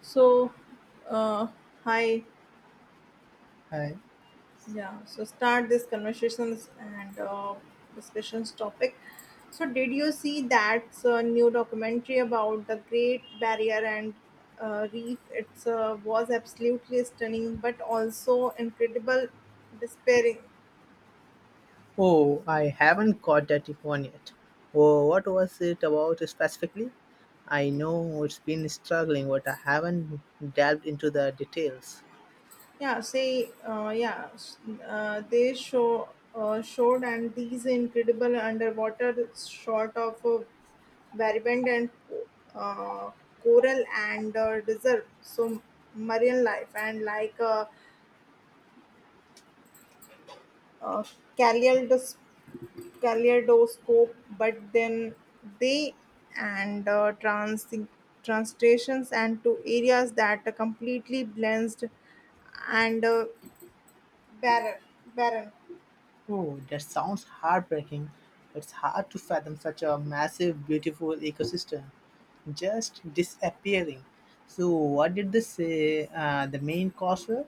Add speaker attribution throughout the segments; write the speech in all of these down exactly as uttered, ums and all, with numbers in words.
Speaker 1: So, uh, hi,
Speaker 2: Hi.
Speaker 1: yeah. So start this conversations and uh, discussions topic. So did you see that uh, new documentary about the Great Barrier and uh, Reef? It's uh, was absolutely stunning, but also incredible, despairing.
Speaker 2: Oh, I haven't got that one yet. Oh, what was it about specifically? I know it's been struggling, but I haven't delved into the details.
Speaker 1: Yeah, say uh, yeah. s- Uh, they show uh, showed and these incredible underwater shot of. Uh, Varied and uh, coral and uh, desert, so marine life and like a, a kaleidos- kaleidoscope, but then they and uh, trans translations and to areas that are completely blends and uh, barren. barren.
Speaker 2: Oh, that sounds heartbreaking. It's hard to fathom such a massive, beautiful ecosystem just disappearing. So, what did they say uh, the main cause were?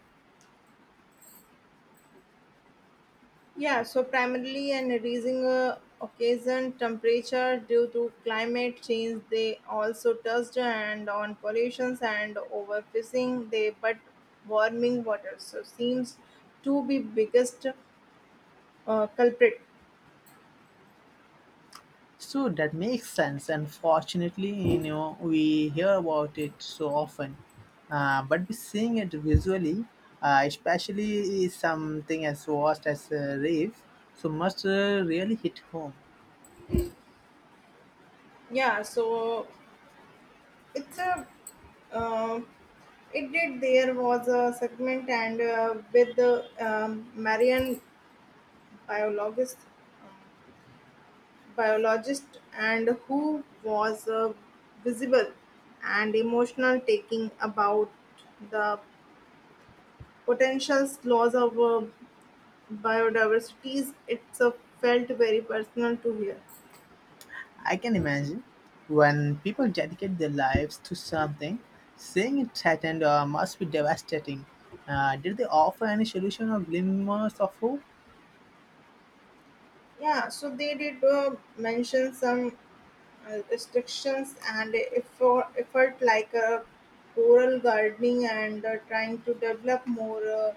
Speaker 1: Yeah, so primarily an increasing uh, occasion temperature due to climate change. They also touched and on pollutions and overfishing. They but warming water so seems to be biggest uh, culprit.
Speaker 2: So that makes sense. Unfortunately, you know, we hear about it so often, uh, but we seeing it visually, uh, especially something as vast as a rave, so must uh, really hit home.
Speaker 1: Yeah, so it's a uh, it did there was a segment and uh, with the um, Marian biologist biologist and who was a visible and emotional taking about the potential loss of uh, biodiversity it's uh, felt very personal to hear.
Speaker 2: I can imagine when people dedicate their lives to something, seeing it threatened uh, must be devastating. Uh, did they offer any solution or glimmers of hope?
Speaker 1: Yeah, so they did uh, mention some uh, restrictions and effort, effort like uh, coral gardening and uh, trying to develop more uh,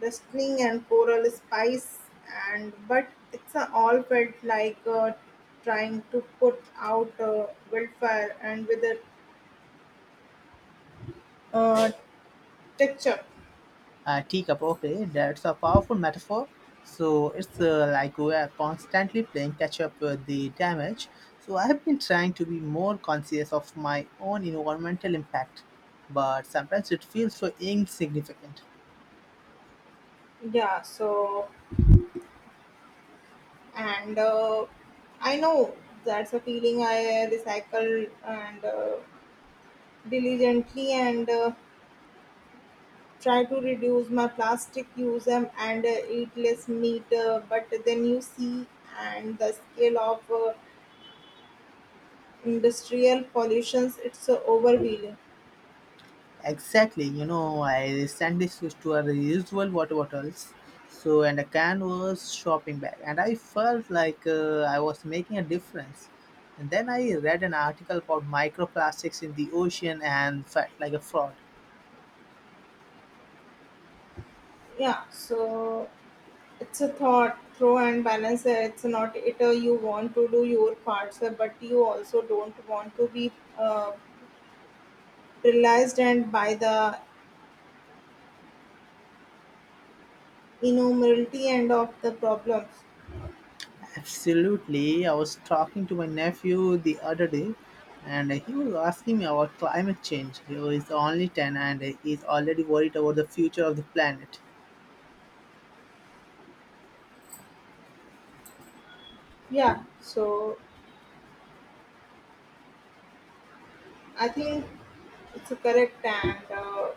Speaker 1: Dustling and coral spice and but it's uh, all felt like uh, trying to put out a wildfire and with a uh, texture.
Speaker 2: Uh, teacup, okay, that's a powerful metaphor. So it's uh, like we are constantly playing catch up with the damage. So I have been trying to be more conscious of my own environmental impact, but sometimes it feels so insignificant.
Speaker 1: Yeah, so and uh, I know that's a feeling I uh, recycle and uh, diligently and uh, try to reduce my plastic use um, and uh, eat less meat uh, but then you see and the scale of uh, industrial pollutions it's a overwhelming.
Speaker 2: Exactly, you know, I recently switched to a reusable water bottles. So, and a can was shopping bag, and I felt like uh, I was making a difference. And then I read an article about microplastics in the ocean and felt like a fraud.
Speaker 1: Yeah, so it's a thought throw and balance, uh, it's not it, uh, you want to do your parts, uh, but you also don't want to be uh, realized and by the innumerability end of the problems.
Speaker 2: Absolutely. I was talking to my nephew the other day and he was asking me about climate change. He is only ten and he's already worried about the future of the planet.
Speaker 1: Yeah, so I think it's a correct, and uh,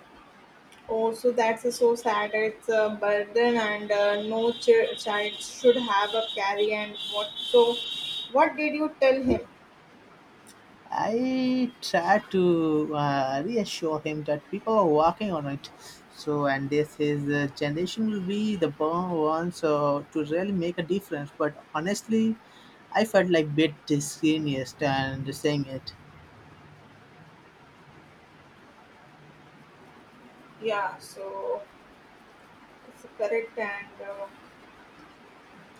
Speaker 1: also that's a so sad, it's a burden and uh, no ch- child should have a carry and what, so what did you tell him?
Speaker 2: I tried to uh, reassure him that people are working on it. So, and this is the generation will be the born ones uh, to really make a difference. But honestly, I felt like a bit disingenuous and saying it.
Speaker 1: Yeah, so it's correct, and uh,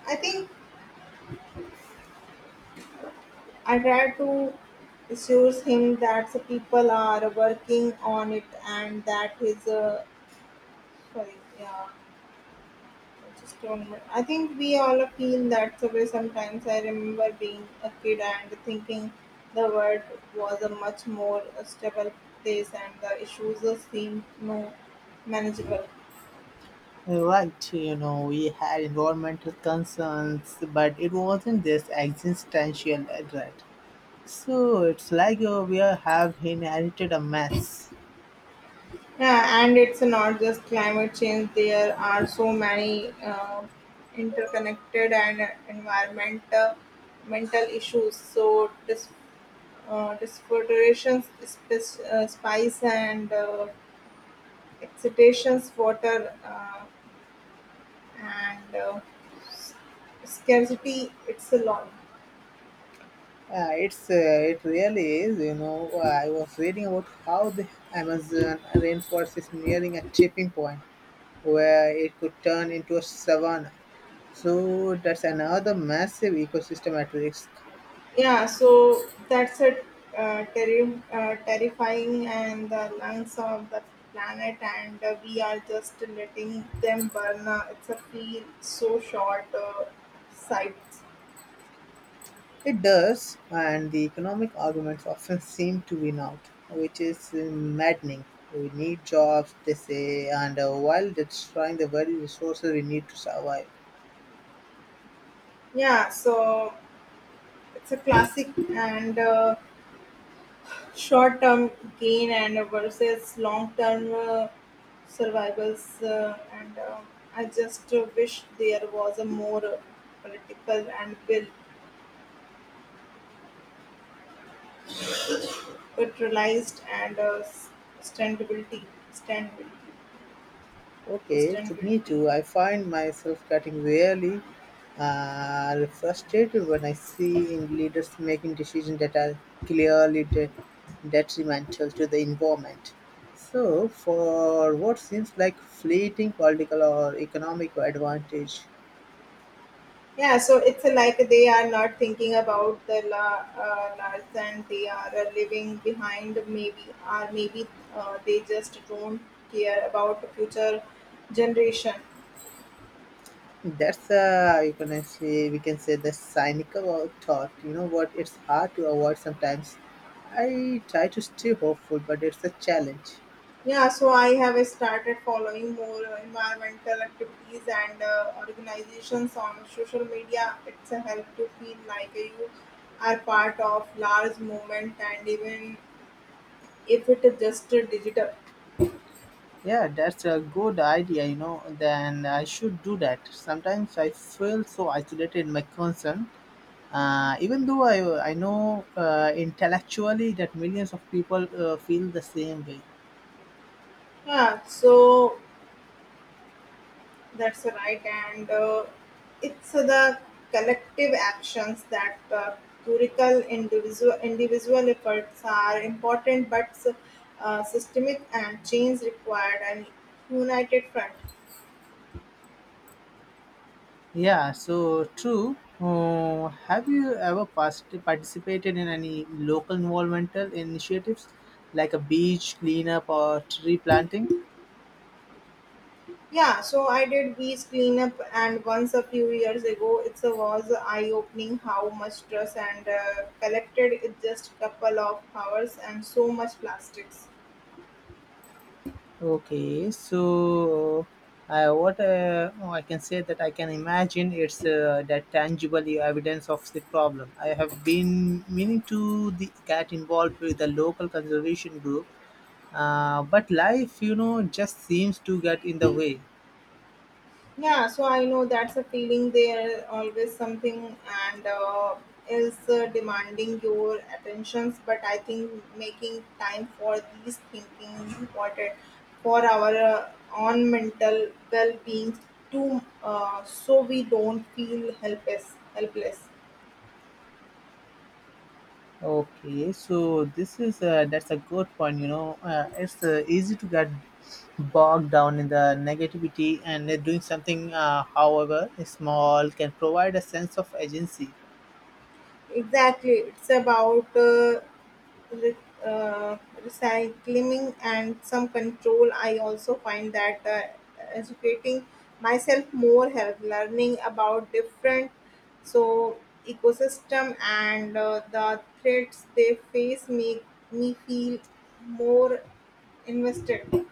Speaker 1: I think I try to assure him that the people are working on it, and that his, uh, sorry, yeah, just one minute. I think we all feel that the way. Sometimes I remember being a kid and thinking the world was a much more stable place, and the issues seemed more manageable.
Speaker 2: Right, you know, we had environmental concerns, but it wasn't this existential threat. So it's like uh, we are- have inherited a mess.
Speaker 1: Yeah, and it's not just climate change. There are so many uh, interconnected and environmental mental issues. So dis, uh, disfiltrations, spice, uh, spice and uh, excitations, water, uh, and uh, s- scarcity. It's a lot.
Speaker 2: Uh, it's uh, it really is, you know. Uh, I was reading about how the Amazon rainforest is nearing a tipping point where it could turn into a savanna. So that's another massive ecosystem at risk.
Speaker 1: Yeah, so that's a uh, terri- uh, terrifying, and the lungs of the planet, and uh, we are just letting them burn. Uh, it's a feel so short uh, sight.
Speaker 2: It does, and the economic arguments often seem to win out, which is uh, maddening. We need jobs, they say, and uh, while destroying the very resources we need to survive.
Speaker 1: Yeah, so it's a classic, and uh, short term gain and versus long term uh, survivals. Uh, and uh, I just uh, wish there was a more uh, political and will Fertilized and uh, sustainability, standability,
Speaker 2: Okay, to me
Speaker 1: sustainability.
Speaker 2: too, I find myself getting really uh, frustrated when I see in leaders making decisions that are clearly de- detrimental to the environment. So, for what seems like fleeting political or economic advantage,
Speaker 1: Yeah, so it's like they are not thinking about the la- uh, large and they are uh, living behind, maybe or maybe uh, they just don't care about the future generation.
Speaker 2: that's uh, you can say we can say the cynical thought. You know what? It's hard to avoid sometimes. I try to stay hopeful, but it's a challenge.
Speaker 1: Yeah, so I have started following more uh, environmental activities and uh, organizations on social media. It's a help to feel like you are part of large movement, and even if it is just uh, digital.
Speaker 2: Yeah, that's a good idea. You know, then I should do that. Sometimes I feel so isolated in my concern. Uh, even though I, I know uh, intellectually that millions of people uh, feel the same way.
Speaker 1: Yeah, so that's right, and uh, it's the collective actions that, uh, curical, individual individual efforts are important, but uh, systemic and change required and united front.
Speaker 2: Yeah, so true. Uh, have you ever past- participated in any local environmental initiatives like a beach cleanup or tree planting?
Speaker 1: Yeah, so I did beach cleanup, and once a few years ago, it was eye opening how much trash and uh, collected in just couple of hours and so much plastics.
Speaker 2: Okay, so uh, I what uh, oh, I can say that I can imagine it's uh, that tangible evidence of the problem. I have been meaning to the, get involved with the local conservation group, uh, but life, you know, just seems to get in the way.
Speaker 1: Yeah, so I know that's a feeling. There always something and uh, is uh, demanding your attentions. But I think making time for these thinking is important for our uh, own mental well-being too, uh, so we don't feel helpless. Helpless.
Speaker 2: Okay, so this is uh, That's a good point. You know, uh, it's uh, easy to get bogged down in the negativity, and uh, doing something, uh, however small, can provide a sense of agency.
Speaker 1: Exactly. It's about uh, re- uh, recycling and some control. I also find that uh, educating myself more help learning about different, so ecosystem and uh, the threats they face make me feel more invested.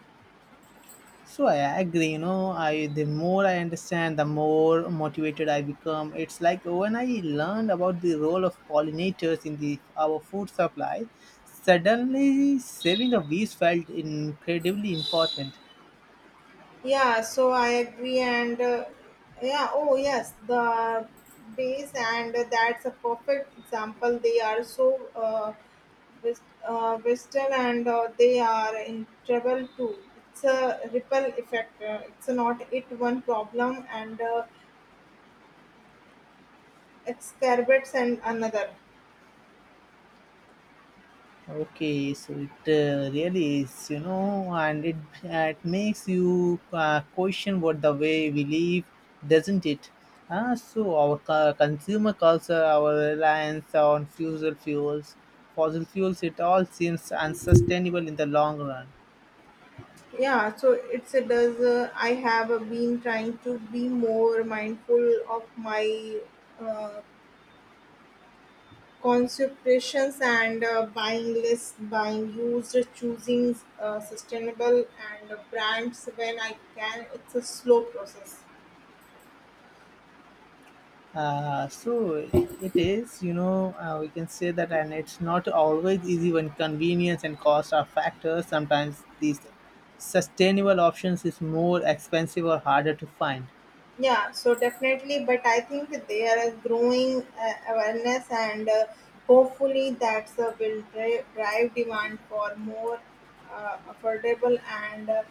Speaker 2: So I agree. You know, I the more I understand, the more motivated I become. It's like when I learned about the role of pollinators in the our food supply, suddenly saving the bees felt incredibly important.
Speaker 1: Yeah, so I agree, and uh, yeah, oh yes, the base, and that's a perfect example. They are so uh, wis- uh, western, and uh, they are in trouble too. It's a ripple effect. Uh, it's not it one problem and uh, exacerbates and another.
Speaker 2: Okay, so it uh, really is, you know, and it, it makes you uh, question what the way we live, doesn't it? Ah, so our co- consumer culture, our reliance on fossil fuels, fossil fuels, it all seems unsustainable in the long run.
Speaker 1: Yeah, so it's it does. Uh, I have uh, been trying to be more mindful of my uh, Consultations and uh, buying less, buying used, choosing uh, sustainable and uh, brands when I can. It's a slow process.
Speaker 2: Uh, so it is, you know, uh, we can say that, and it's not always easy when convenience and cost are factors. Sometimes these sustainable options is more expensive or harder to find.
Speaker 1: Yeah, so definitely, but I think there is growing uh, awareness, and uh, hopefully, that uh, will dri- drive demand for more uh, affordable and uh,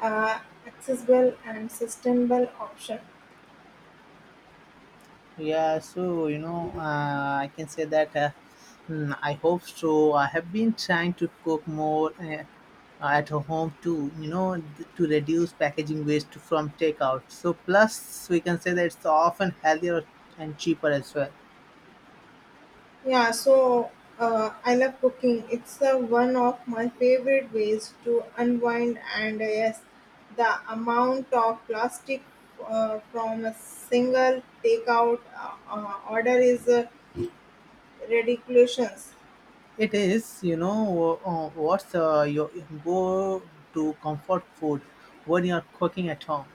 Speaker 1: uh, accessible and sustainable option.
Speaker 2: Yeah, so you know, uh, I can say that. Uh, mm, I hope so. I have been trying to cook more uh, at home too. You know, th- to reduce packaging waste from takeout. So plus, we can say that it's often healthier and cheaper as well.
Speaker 1: Yeah, so uh, I love cooking. It's uh, one of my favorite ways to unwind, and uh, yes, the amount of plastic uh, from a single takeout uh, uh, order is uh, ridiculous.
Speaker 2: It is, you know, uh, what's uh, your go-to comfort food when you're cooking at home?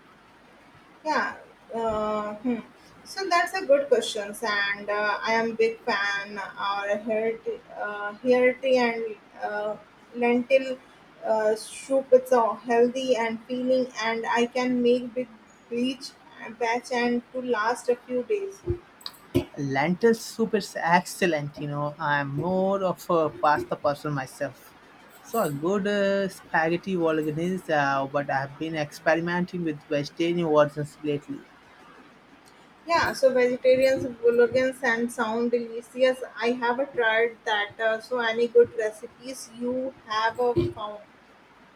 Speaker 1: Yeah. Uh, hmm. So that's a good question, and uh, I am big fan or a hearty, uh, hearty and uh, lentil uh, soup. It's all healthy and feeling, and I can make big beach batch and to last a few days.
Speaker 2: Lentil soup is excellent, you know. I'm more of a pasta person myself. So a good uh, spaghetti bolognese, uh, but I've been experimenting with vegetarian versions lately.
Speaker 1: Yeah, so vegetarians, vegans, and sound delicious. I have tried that. Uh, so any good recipes you have uh, found?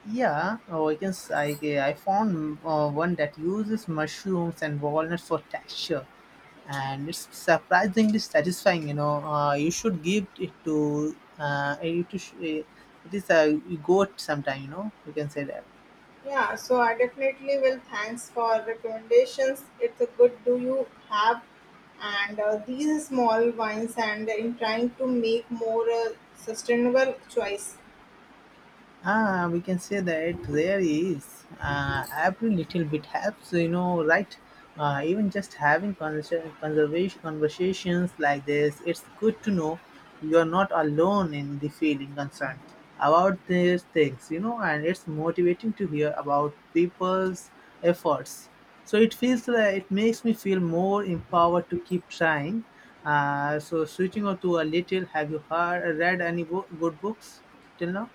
Speaker 2: Yeah, oh, I can. S- I, I found uh, one that uses mushrooms and walnuts for texture. And it's surprisingly satisfying, you know. Uh, you should give it to uh, you to sh- it is a goat sometime, you know, you can say that.
Speaker 1: Yeah, so I definitely will. Thanks for recommendations. It's a good, do you have, and uh, these small wines, and in trying to make more uh, sustainable choice.
Speaker 2: Ah, we can say that there is uh, every little bit helps, you know, right? Uh, even just having conversa- conservation conversations like this, it's good to know you're not alone in the feeling concerned about these things, you know, and it's motivating to hear about people's efforts. So it feels like it makes me feel more empowered to keep trying. Uh, so switching on to a little, have you heard read any bo- good books till now?